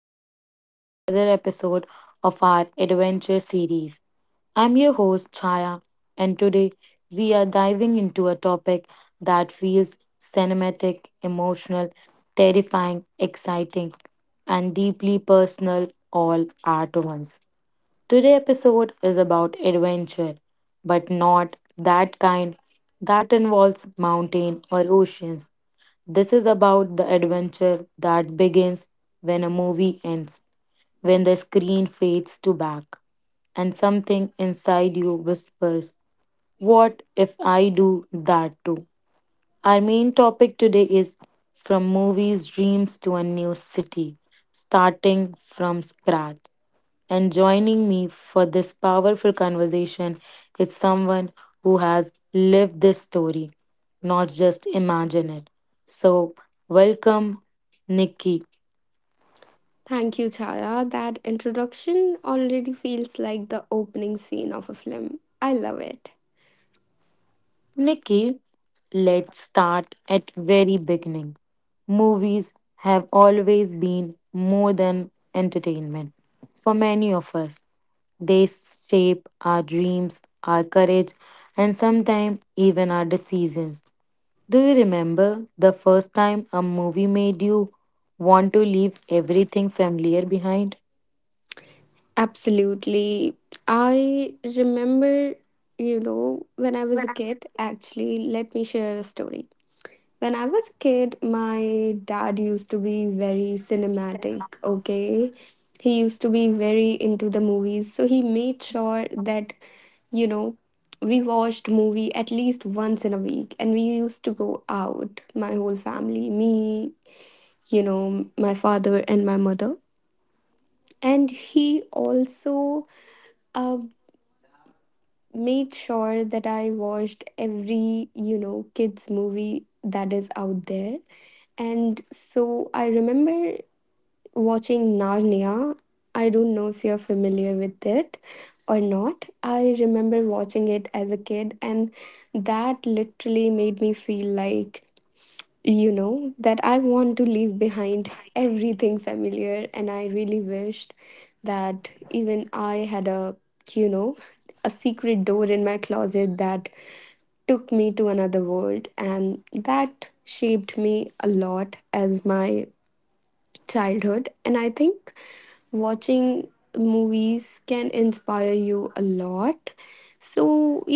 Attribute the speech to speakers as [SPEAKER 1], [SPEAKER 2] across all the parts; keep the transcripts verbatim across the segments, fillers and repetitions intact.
[SPEAKER 1] welcome back to another episode of our adventure series. I'm your host, Chaya, and today we are diving into a topic that feels cinematic, emotional, terrifying, exciting, and deeply personal all at once. Today's episode is about adventure, but not that kind that involves mountain or oceans. This is about the adventure that begins when a movie ends, when the screen fades to black, and something inside you whispers, what if I do that too? Our main topic today is From Movies Dreams to a New City, starting from scratch. And joining me for this powerful conversation is someone who has lived this story, not just imagine it. So, welcome Nikki.
[SPEAKER 2] Thank you, Chaya. That introduction already feels like the opening scene of a film. I love it.
[SPEAKER 1] Nikki, let's start at very beginning. Movies have always been more than entertainment for many of us. They shape our dreams, our courage, and sometimes even our decisions. Do you remember the first time a movie made you want to leave everything familiar behind?
[SPEAKER 2] Absolutely. I remember, you know, when I was a kid, actually, let me share a story. When I was a kid, my dad used to be very cinematic, okay? He used to be very into the movies. So he made sure that, you know, we watched movie at least once in a week and we used to go out, my whole family, me, you know, my father and my mother. And he also uh, made sure that I watched every, you know, kids movie that is out there. And so I remember watching Narnia. I don't know if you're familiar with it or not. I remember watching it as a kid, and that literally made me feel like you know that I want to leave behind everything familiar, and I really wished that even I had a you know a secret door in my closet that took me to another world. And that shaped me a lot as my childhood, and I think watching movies can inspire you a lot. So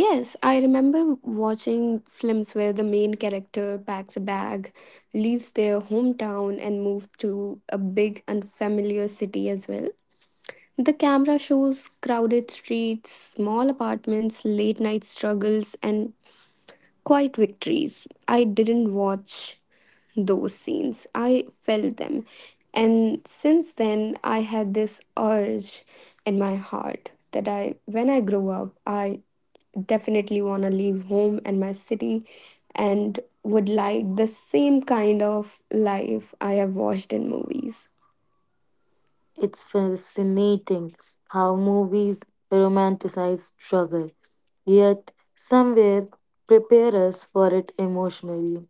[SPEAKER 2] yes, I remember watching films where the main character packs a bag, leaves their hometown and moves to a big unfamiliar city as well. The camera shows crowded streets, small apartments, late night struggles and quiet victories. I didn't watch those scenes, I felt them. And since then, I had this urge in my heart that I, when I grow up, I definitely want to leave home and my city and would like the same kind of life I have watched in movies.
[SPEAKER 1] It's fascinating how movies romanticize struggle, yet somewhere prepare us for it emotionally.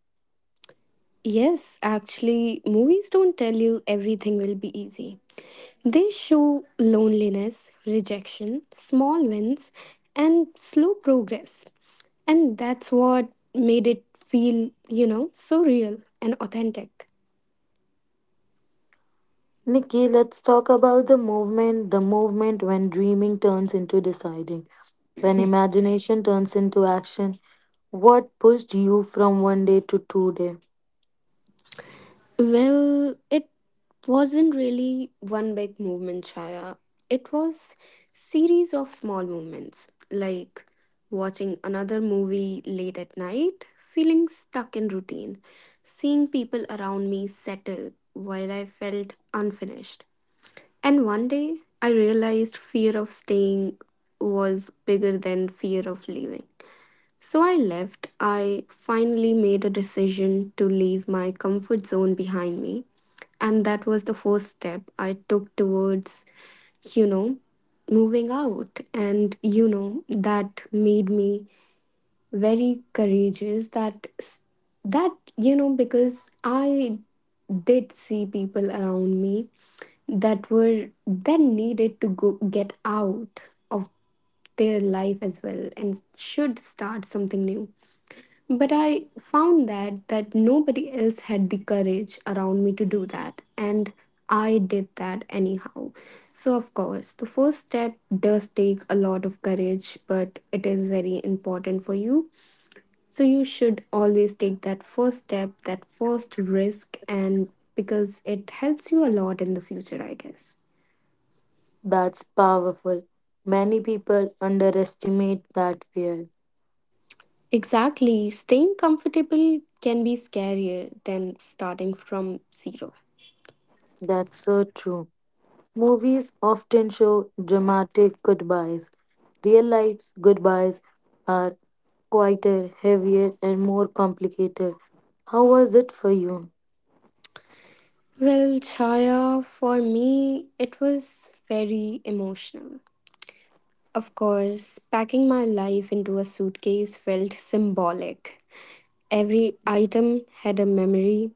[SPEAKER 2] Yes, actually, movies don't tell you everything will be easy. They show loneliness, rejection, small wins, and slow progress. And that's what made it feel, you know, so real and authentic.
[SPEAKER 1] Nikki, let's talk about the movement, the movement when dreaming turns into deciding, when imagination turns into action. What pushed you from one day to two day?
[SPEAKER 2] Well, it wasn't really one big movement, Shaya. It was series of small movements, like watching another movie late at night, feeling stuck in routine, seeing people around me settle while I felt unfinished. And one day, I realized fear of staying was bigger than fear of leaving. So I left. I finally made a decision to leave my comfort zone behind me. And that was the first step I took towards, you know, moving out. And, you know, that made me very courageous. That, s- that, you know, because I did see people around me that were, that needed to go get out of their life as well and should start something new, but I found that that nobody else had the courage around me to do that, and I did that anyhow. So of course, the first step does take a lot of courage, but it is very important for you. So you should always take that first step, that first risk, and because it helps you a lot in the future, I guess.
[SPEAKER 1] That's powerful. Many people underestimate that fear.
[SPEAKER 2] Exactly. Staying comfortable can be scarier than starting from zero.
[SPEAKER 1] That's so true. Movies often show dramatic goodbyes. Real life's goodbyes are quieter, heavier, and more complicated. How was it for you?
[SPEAKER 2] Well, Chaya, for me, it was very emotional. Of course, packing my life into a suitcase felt symbolic. Every item had a memory.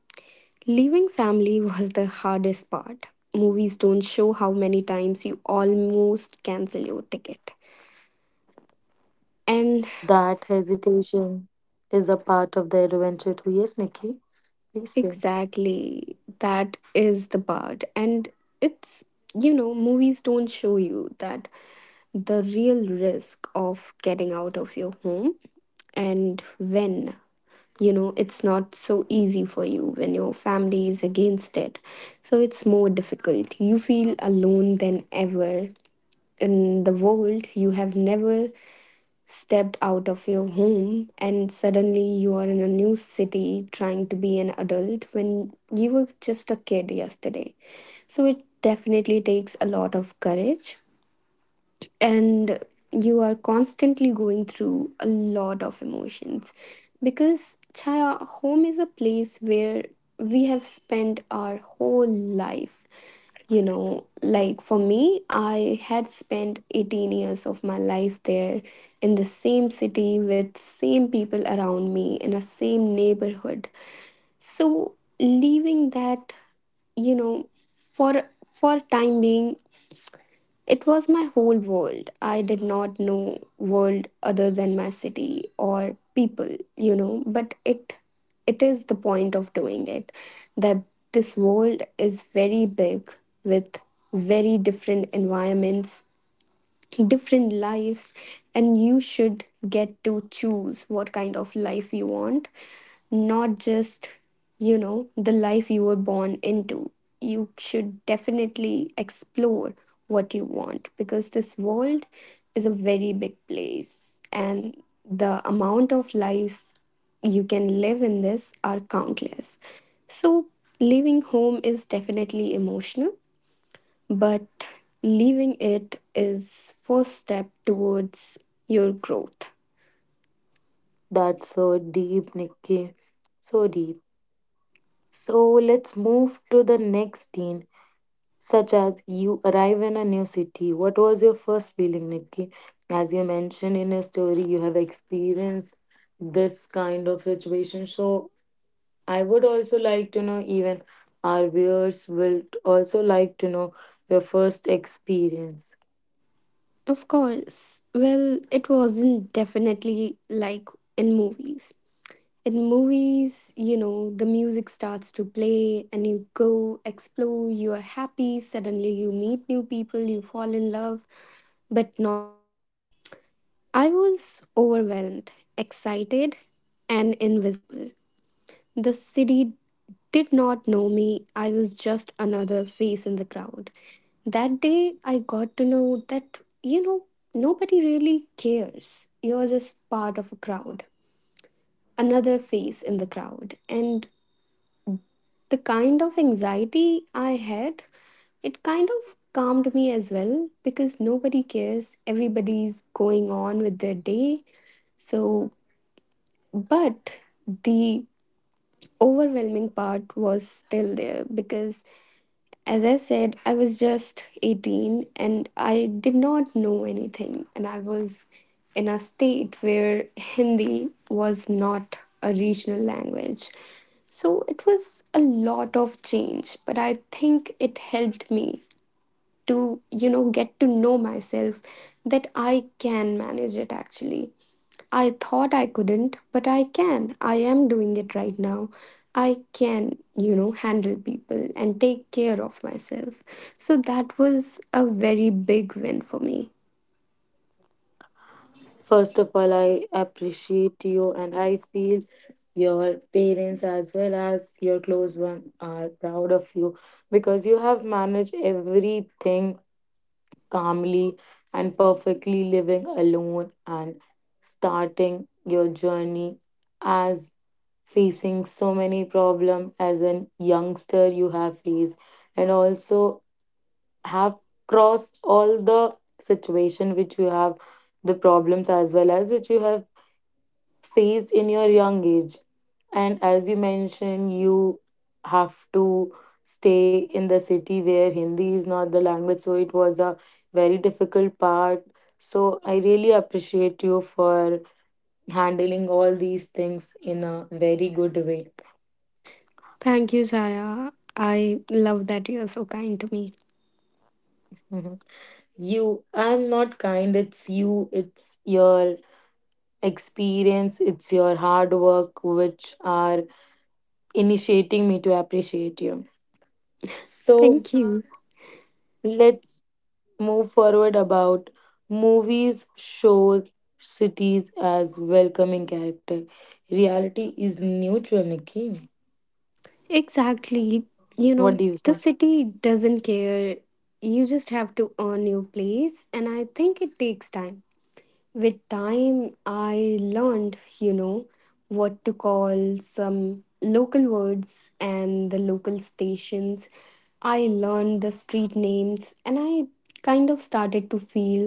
[SPEAKER 2] Leaving family was the hardest part. Movies don't show how many times you almost cancel your ticket. And
[SPEAKER 1] That hesitation is a part of the adventure too. Yes, Nikki, please say.
[SPEAKER 2] exactly, that is the part. And it's, you know, movies don't show you that the real risk of getting out of your home, and when you know it's not so easy for you when your family is against it, so it's more difficult. You feel alone than ever in the world. You have never stepped out of your home, and suddenly you are in a new city trying to be an adult when you were just a kid yesterday. So it definitely takes a lot of courage, and you are constantly going through a lot of emotions. Because Chaya, home is a place where we have spent our whole life. You know, like for me, I had spent eighteen years of my life there, in the same city with same people around me in a same neighborhood. So leaving that, you know for for time being, it was my whole world. I did not know world other than my city or people, you know, but it it is the point of doing it that this world is very big, with very different environments, different lives, and you should get to choose what kind of life you want, not just, you know, the life you were born into. You should definitely explore what you want, because this world is a very big place, and the amount of lives you can live in this are countless. So leaving home is definitely emotional, but leaving it is first step towards your growth.
[SPEAKER 1] That's so deep, Nikki. So deep. So let's move to the next scene such as you arrive in a new city. What was your first feeling, Nikki? As you mentioned in your story, you have experienced this kind of situation. So I would also like to know, even our viewers will also like to know your first experience.
[SPEAKER 2] Of course, well, it wasn't definitely like in movies. In movies, you know, the music starts to play and you go explore, you are happy, suddenly you meet new people, you fall in love. But not for me. I was overwhelmed, excited, and invisible. The city did not know me. I was just another face in the crowd. That day, I got to know that, you know, nobody really cares. You're just part of a crowd, another face in the crowd. And the kind of anxiety I had, it kind of calmed me as well, because nobody cares. Everybody's going on with their day. So, but the overwhelming part was still there because, as I said, I was just eighteen and I did not know anything, and I was in a state where Hindi was not a regional language. So it was a lot of change, but I think it helped me to, you know, get to know myself, that I can manage it actually. I thought I couldn't, but I can. I am doing it right now. I can, you know, handle people and take care of myself. So that was a very big win for me.
[SPEAKER 1] First of all, I appreciate you and I feel your parents as well as your close one are proud of you because you have managed everything calmly and perfectly living alone and starting your journey as facing so many problems as a youngster you have faced and also have crossed all the situation which you have the problems as well as which you have faced in your young age, and as you mentioned, you have to stay in the city where Hindi is not the language. So it was a very difficult part. So I really appreciate you for handling all these things in a very good way.
[SPEAKER 2] Thank you, Shaya. I love that you're so kind to me.
[SPEAKER 1] Mhm. You, I'm not kind, it's you, it's your experience, it's your hard work which are initiating me to appreciate you. So
[SPEAKER 2] Thank you.
[SPEAKER 1] let's move forward about movies shows cities as welcoming character, reality is neutral, Nikki.
[SPEAKER 2] Exactly. You know,
[SPEAKER 1] What do you
[SPEAKER 2] the
[SPEAKER 1] say?
[SPEAKER 2] city doesn't care. You just have to earn your place, and I think it takes time. With time, I learned, you know, what to call some local words and the local stations. I learned the street names and I kind of started to feel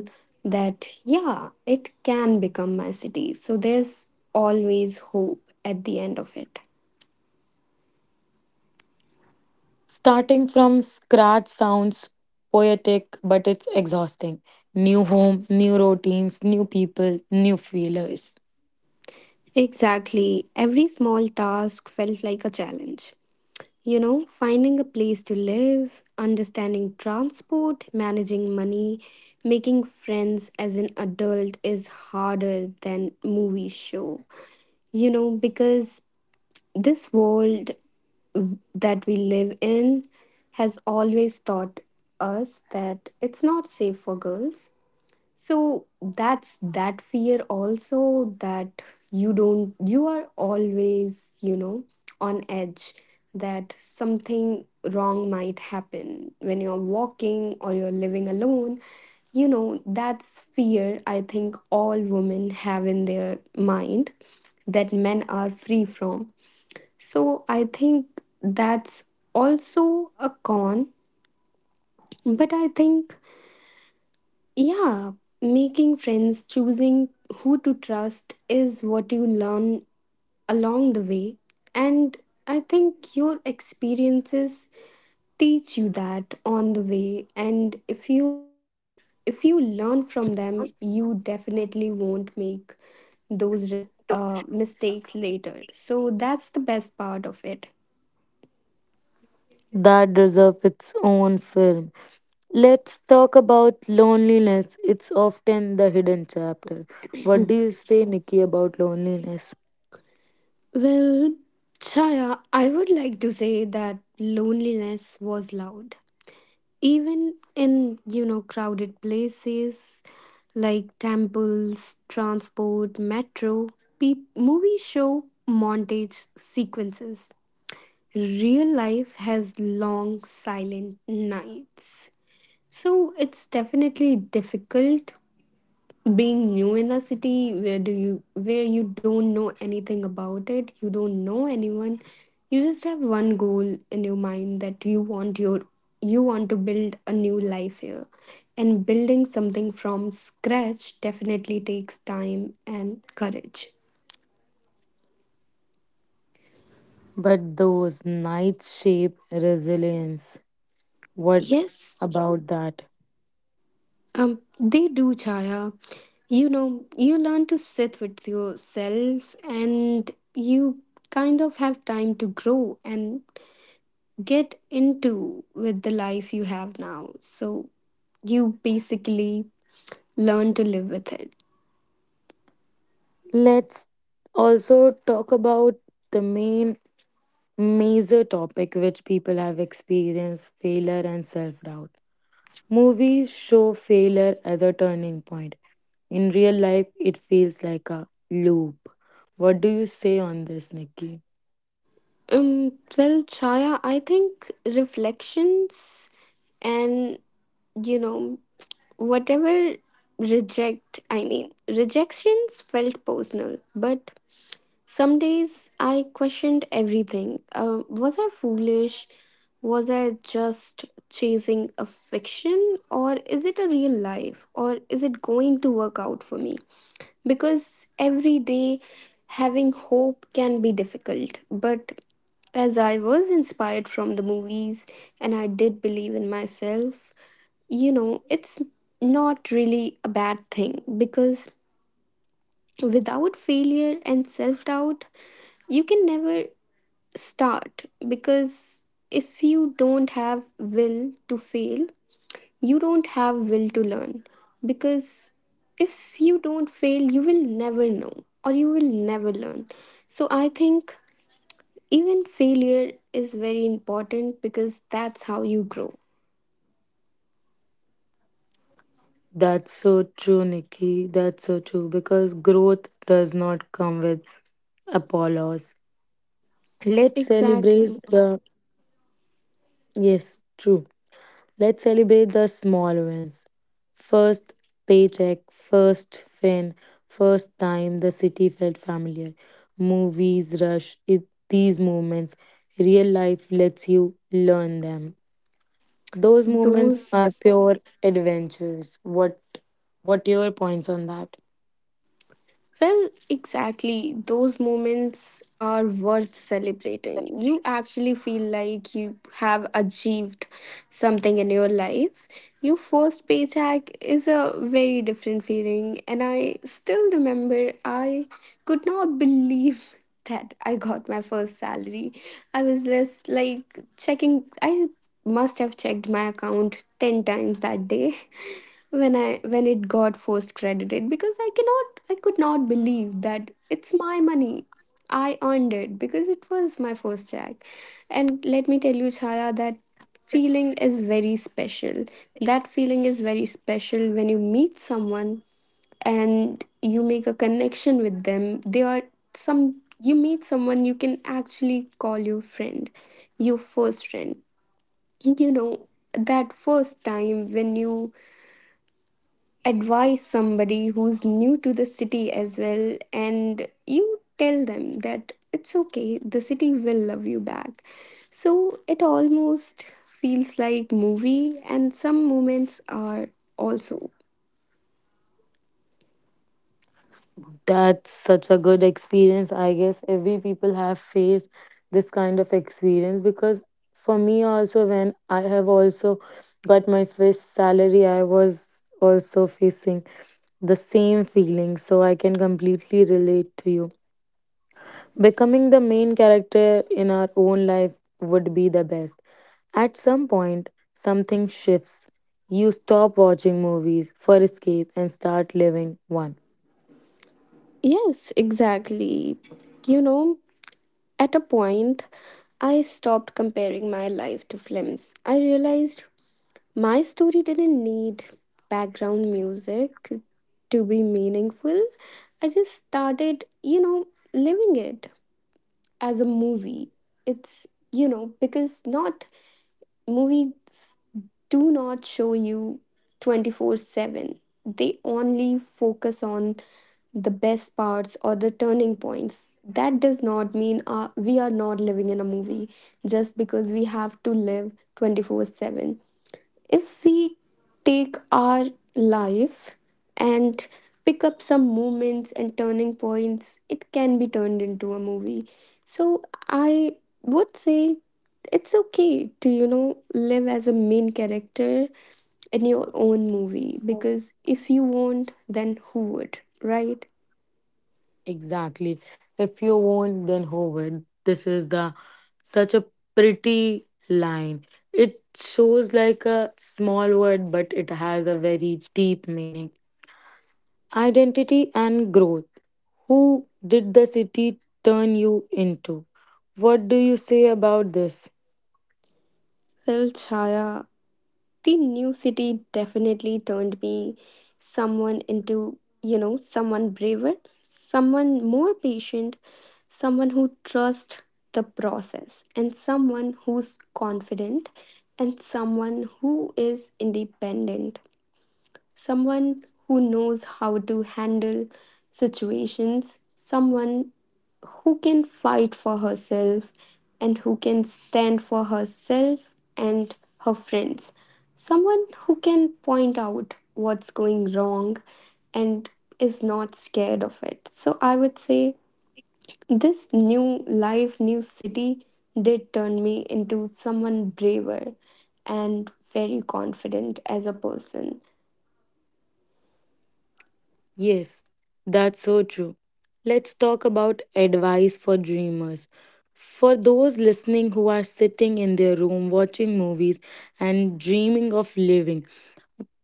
[SPEAKER 2] that, yeah, it can become my city. So there's always hope at the end of it.
[SPEAKER 1] Starting from scratch sounds poetic, but it's exhausting. New home, new routines, new people, new feelers.
[SPEAKER 2] Exactly. Every small task felt like a challenge. You know, finding a place to live, understanding transport, managing money, making friends as an adult is harder than movie show. You know, because this world that we live in has always taught us that it's not safe for girls. So that's that fear also, that you don't, you are always, you know, on edge, that something wrong might happen when you're walking or you're living alone. You know, that's fear I think all women have in their mind that men are free from. So I think that's also a con, but I think yeah, making friends, choosing who to trust is what you learn along the way. And I think your experiences teach you that on the way. And if you are, if you learn from them, you definitely won't make those uh, mistakes later. So that's the best part of it.
[SPEAKER 1] That deserve its own film. Let's talk about loneliness. It's often the hidden chapter. What do you say, Nikki, about loneliness?
[SPEAKER 2] Well, Chaya, I would like to say that loneliness was loud. Even in, you know, crowded places like temples, transport, metro. Pe- movies show montage sequences, real life has long silent nights. So it's definitely difficult being new in a city where do you where you don't know anything about it, you don't know anyone. You just have one goal in your mind that you want your you want to build a new life here, and building something from scratch definitely takes time and courage.
[SPEAKER 1] But those nights shape resilience. What
[SPEAKER 2] Yes.
[SPEAKER 1] about that?
[SPEAKER 2] Um they do, Chaya. You know, you learn to sit with yourself and you kind of have time to grow and get into with the life you have now. So you basically learn to live with it.
[SPEAKER 1] Let's also talk about the main major topic which people have experienced failure and self doubt. Movies show failure as a turning point. In real life, it feels like a loop. What do you say on this, Nikki?
[SPEAKER 2] Um, well, Chaya, I think reflections and, you know, whatever reject, I mean, rejections felt personal, but some days I questioned everything. Uh, was I foolish? Was I just chasing a fiction? Or is it a real life? Or is it going to work out for me? Because every day having hope can be difficult. But as I was inspired from the movies and I did believe in myself, you know, it's not really a bad thing, because without failure and self doubt, you can never start, because if you don't have will to fail, you don't have will to learn. Because if you don't fail, you will never know or you will never learn. So I think even failure is very important because that's how you grow.
[SPEAKER 1] That's so true, Nikki. That's so true because growth does not come with Apollos. Let's celebrate
[SPEAKER 2] Exactly.
[SPEAKER 1] the yes, true. Let's celebrate the small wins. First paycheck, first friend, first time the city felt familiar. Movies rush it, these moments. Real life lets you learn them. Those moments are
[SPEAKER 2] Those
[SPEAKER 1] pure adventures. What what your points on that?
[SPEAKER 2] Well, exactly. Those moments are worth celebrating. You actually feel like you have achieved something in your life. Your first paycheck is a very different feeling, and I still remember I could not believe that I got my first salary. I was just like checking, I must have checked my account ten times that day when I when it got first credited because I cannot I could not believe that it's my money. I earned it because it was my first check. And let me tell you, Chaya, that feeling is very special. That feeling is very special when you meet someone and you make a connection with them. They are some You meet someone you can actually call your friend, your first friend. You know, that first time when you advise somebody who's new to the city as well, and you tell them that it's okay, the city will love you back. So it almost feels like movie, and some moments are also.
[SPEAKER 1] That's such a good experience. I guess every people have faced this kind of experience because for me also when I have also got my first salary, I was also facing the same feeling. So I can completely relate to you. Becoming the main character in our own life would be the best. At some point, something shifts. You stop watching movies for escape and start living one.
[SPEAKER 2] Yes, exactly. you know at a point, I stopped comparing my life to films. I realized my story didn't need background music to be meaningful. I just started, you know, living it as a movie. It's, you know, because not movies do not show you twenty four seven. They only focus on the best parts or the turning points. That does not mean uh, we are not living in a movie just because we have to live twenty four seven. If we take our life and pick up some moments and turning points, it can be turned into a movie. So I would say it's okay to you know live as a main character in your own movie, because if you won't, then who would, right?
[SPEAKER 1] Exactly. If you won't, then who would? This is the such a pretty line. It shows like a small word, but it has a very deep meaning. Identity and growth. Who did the city turn you into? What do you say about this?
[SPEAKER 2] Well, Chaya, the new city definitely turned me someone into you know someone braver, someone more patient, someone who trusts the process, and someone who's confident, and someone who is independent, someone who knows how to handle situations, someone who can fight for herself and who can stand for herself and her friends, someone who can point out what's going wrong and is not scared of it. So I would say this new life, new city did turn me into someone braver and very confident as a person.
[SPEAKER 1] Yes, that's so true. Let's talk about advice for dreamers. For those listening who are sitting in their room watching movies and dreaming of living,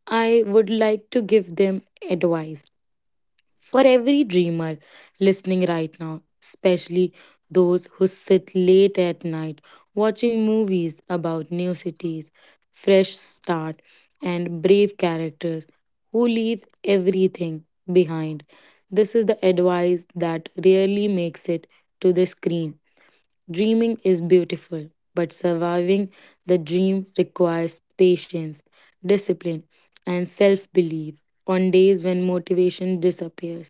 [SPEAKER 1] I would like to give them advice. For every dreamer listening right now, especially those who sit late at night watching movies about new cities, fresh start, and brave characters who leave everything behind. This is the advice that rarely makes it to the screen. Dreaming is beautiful, but surviving the dream requires patience, discipline, and self belief on days when motivation disappears.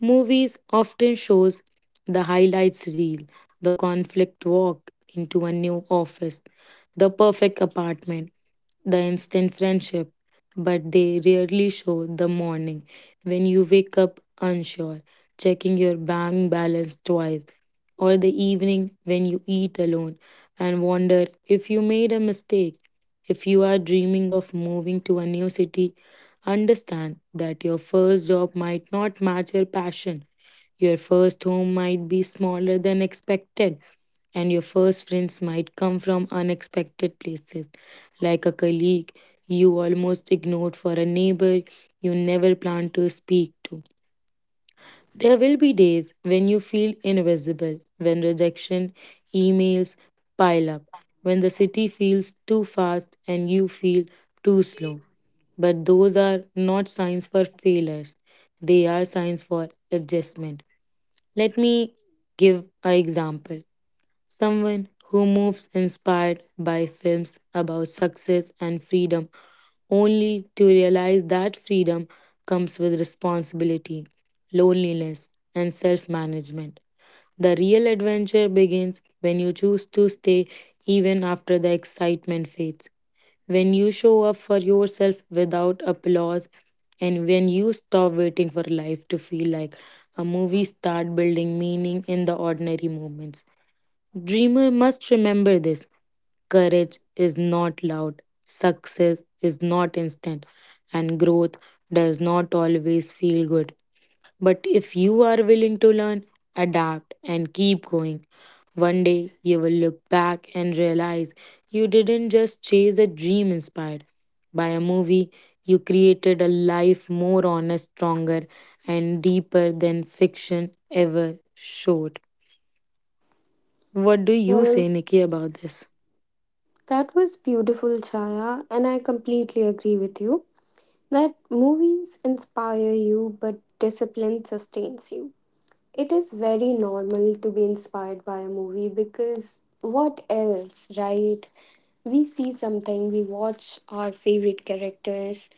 [SPEAKER 1] Movies often shows the highlights reel, the conflict walk into a new office, the perfect apartment, the instant friendship, but they rarely show the morning when you wake up unsure, checking your bank balance twice, or the evening when you eat alone and wonder if you made a mistake. If you are dreaming of moving to a new city, understand that your first job might not match your passion. Your first home might be smaller than expected, and your first friends might come from unexpected places, like a colleague you almost ignored for a neighbor you never planned to speak to. There will be days when you feel invisible, when rejection, emails pile up, when the city feels too fast and you feel too slow. But those are not signs for failures, they are signs for adjustment. Let me give an example, someone who moves inspired by films about success and freedom, only to realize that freedom comes with responsibility, loneliness, and self management. The real adventure begins when you choose to stay even after the excitement fades, when you show up for yourself without applause, and when you stop waiting for life to feel like a movie, start building meaning in the ordinary moments. Dreamer must remember this. Courage is not loud, success is not instant, and growth does not always feel good. But if you are willing to learn, adapt, and keep going, one day you will look back and realize you didn't just chase a dream inspired by a movie, you created a life more honest, stronger, and deeper than fiction ever showed. What do you say, Nikki, about this?
[SPEAKER 2] That was beautiful, Chaya, and I completely agree with you that movies inspire you, but discipline sustains you. It is very normal to be inspired by a movie, because what else, right? We see something, we watch our favorite characters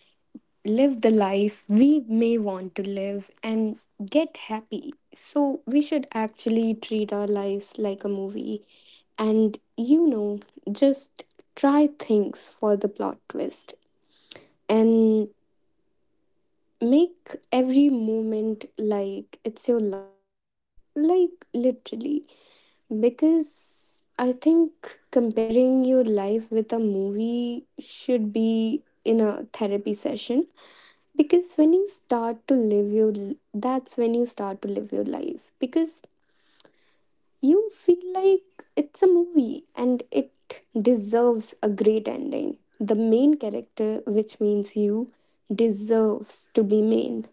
[SPEAKER 2] live the life we may want to live and get happy. So, we should actually treat our lives like a movie, and, you know, just try things for the plot twist and make every moment like it's your last. Like, literally. Because I think comparing your life with a movie should be in a therapy session, because when you start to live your l- that's when you start to live your life, because you feel like it's a movie and it deserves a great ending. The main character, which means you, deserves to be main.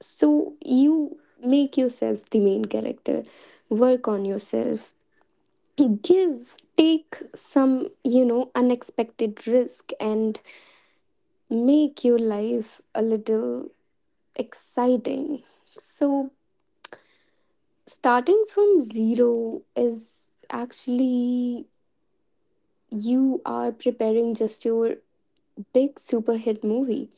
[SPEAKER 2] So you make yourself the main character, work on yourself, give, take some, you know unexpected risk, and make your life a little exciting. So starting from zero is actually you are preparing just your big super hit movie,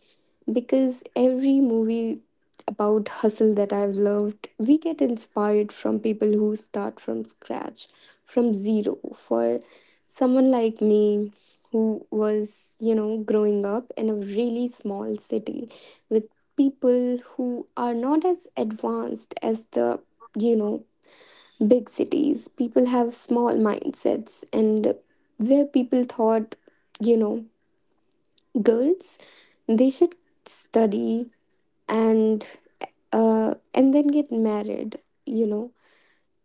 [SPEAKER 2] because every movie about hustle that I've loved, we get inspired from people who start from scratch, from zero. For someone like me who was, you know, growing up in a really small city with people who are not as advanced as the you know big cities, people have small mindsets, and where people thought, you know, girls, they should study and uh, and then get married, you know,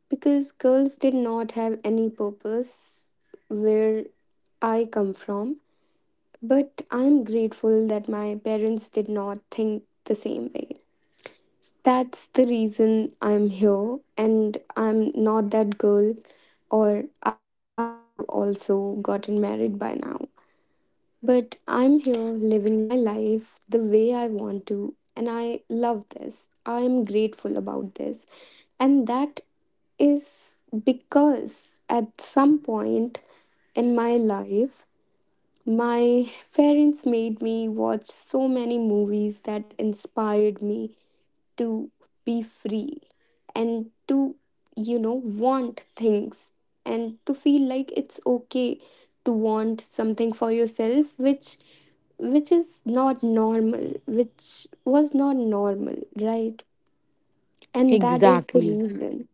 [SPEAKER 2] because girls did not have any purpose where I come from. But I'm grateful that my parents did not think the same way. That's the reason I'm here, and I'm not that girl, or I must have also gotten married by now. But I'm here living my life the way I want to, and I love this. I'm grateful about this, and that is because at some point in my life, my parents made me watch so many movies that inspired me to be free and to you know want things and to feel like it's okay to want something for yourself, which which is not normal, which was not normal, right? And that is the
[SPEAKER 1] Exactly.
[SPEAKER 2] reason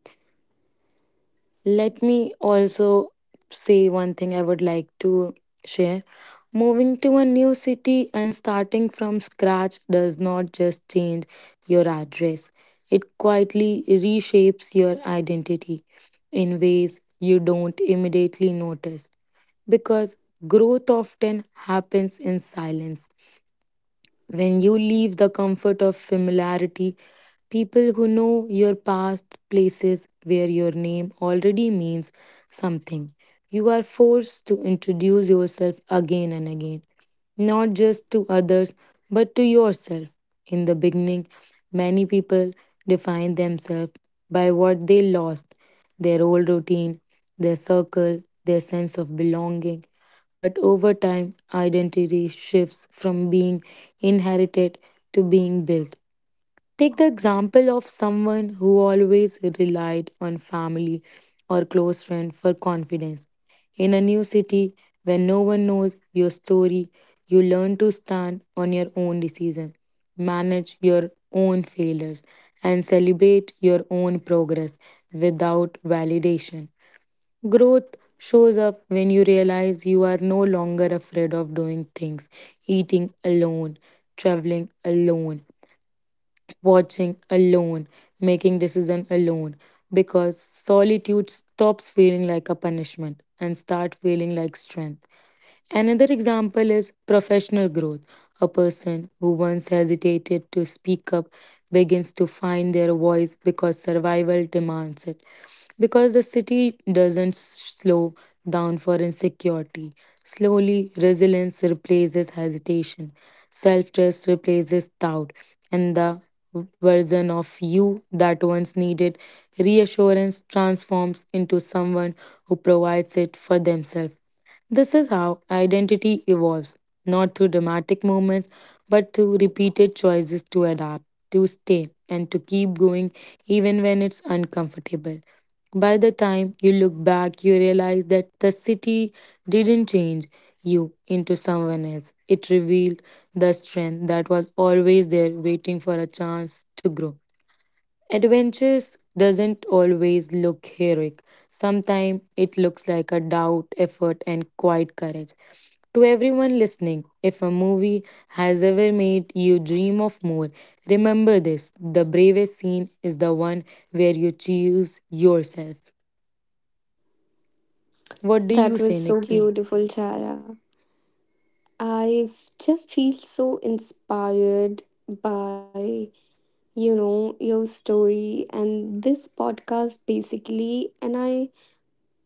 [SPEAKER 1] Let me also say one thing I would like to share. Moving to a new city and starting from scratch does not just change your address, it quietly reshapes your identity in ways you don't immediately notice because growth often happens in silence. When you leave the comfort of familiarity, people who know your past, places where your name already means something, you are forced to introduce yourself again and again, not just to others, but to yourself. In the beginning, many people define themselves by what they lost, their old routine, their circle, their sense of belonging. But over time, identity shifts from being inherited to being built. Take the example of someone who always relied on family or close friend for confidence. In a new city where no one knows your story, you learn to stand on your own decision, manage your own failures, and celebrate your own progress without validation. Growth shows up when you realize you are no longer afraid of doing things, eating alone, traveling alone, watching alone, making decision alone because solitude stops feeling like a punishment and start feeling like strength. Another example is professional growth. A person who once hesitated to speak up begins to find their voice because survival demands it. Because the city doesn't s- slow down for insecurity. Slowly, resilience replaces hesitation, self trust replaces doubt, and the version of you that once needed reassurance transforms into someone who provides it for themselves. This is how identity evolves, not through dramatic moments, but through repeated choices to adapt, to stay, and to keep going even when it's uncomfortable. By the time you look back, you realize that the city didn't change you into someone else. It revealed the strength that was always there waiting for a chance to grow. Adventures doesn't always look heroic. Sometimes it looks like a doubt, effort, and quiet courage. To everyone listening, if a movie has ever made you dream of more, remember this, the bravest scene is the one where you choose yourself.
[SPEAKER 2] that
[SPEAKER 1] What do
[SPEAKER 2] was
[SPEAKER 1] you
[SPEAKER 2] so
[SPEAKER 1] say, Nikki?
[SPEAKER 2] beautiful, Chara. I just feel so inspired by you know your story and this podcast basically. and i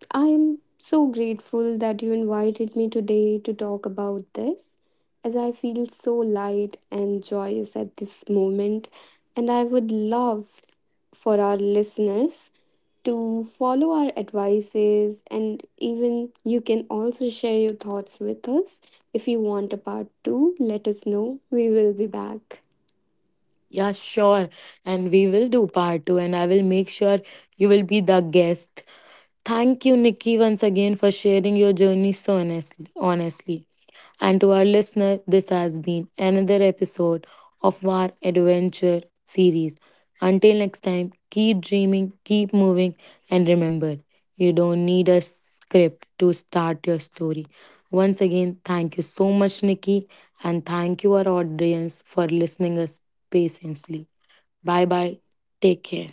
[SPEAKER 2] I am so grateful that you invited me today to talk about this, as I feel so light and joyous at this moment. And I would love for our listeners to follow our advices, and even you can also share your thoughts with us. If you want a part two, let us know. We will be back.
[SPEAKER 1] Yeah, sure. And we will do part two, and I will make sure you will be the guest. Thank you, Nikki, once again for sharing your journey so honestly. honestly. And to our listener, this has been another episode of our adventure series. Until next time, keep dreaming, keep moving, and remember, you don't need a script to start your story. Once again, thank you so much, Nikki, and thank you, our audience, for listening us patiently. Bye bye. Take care.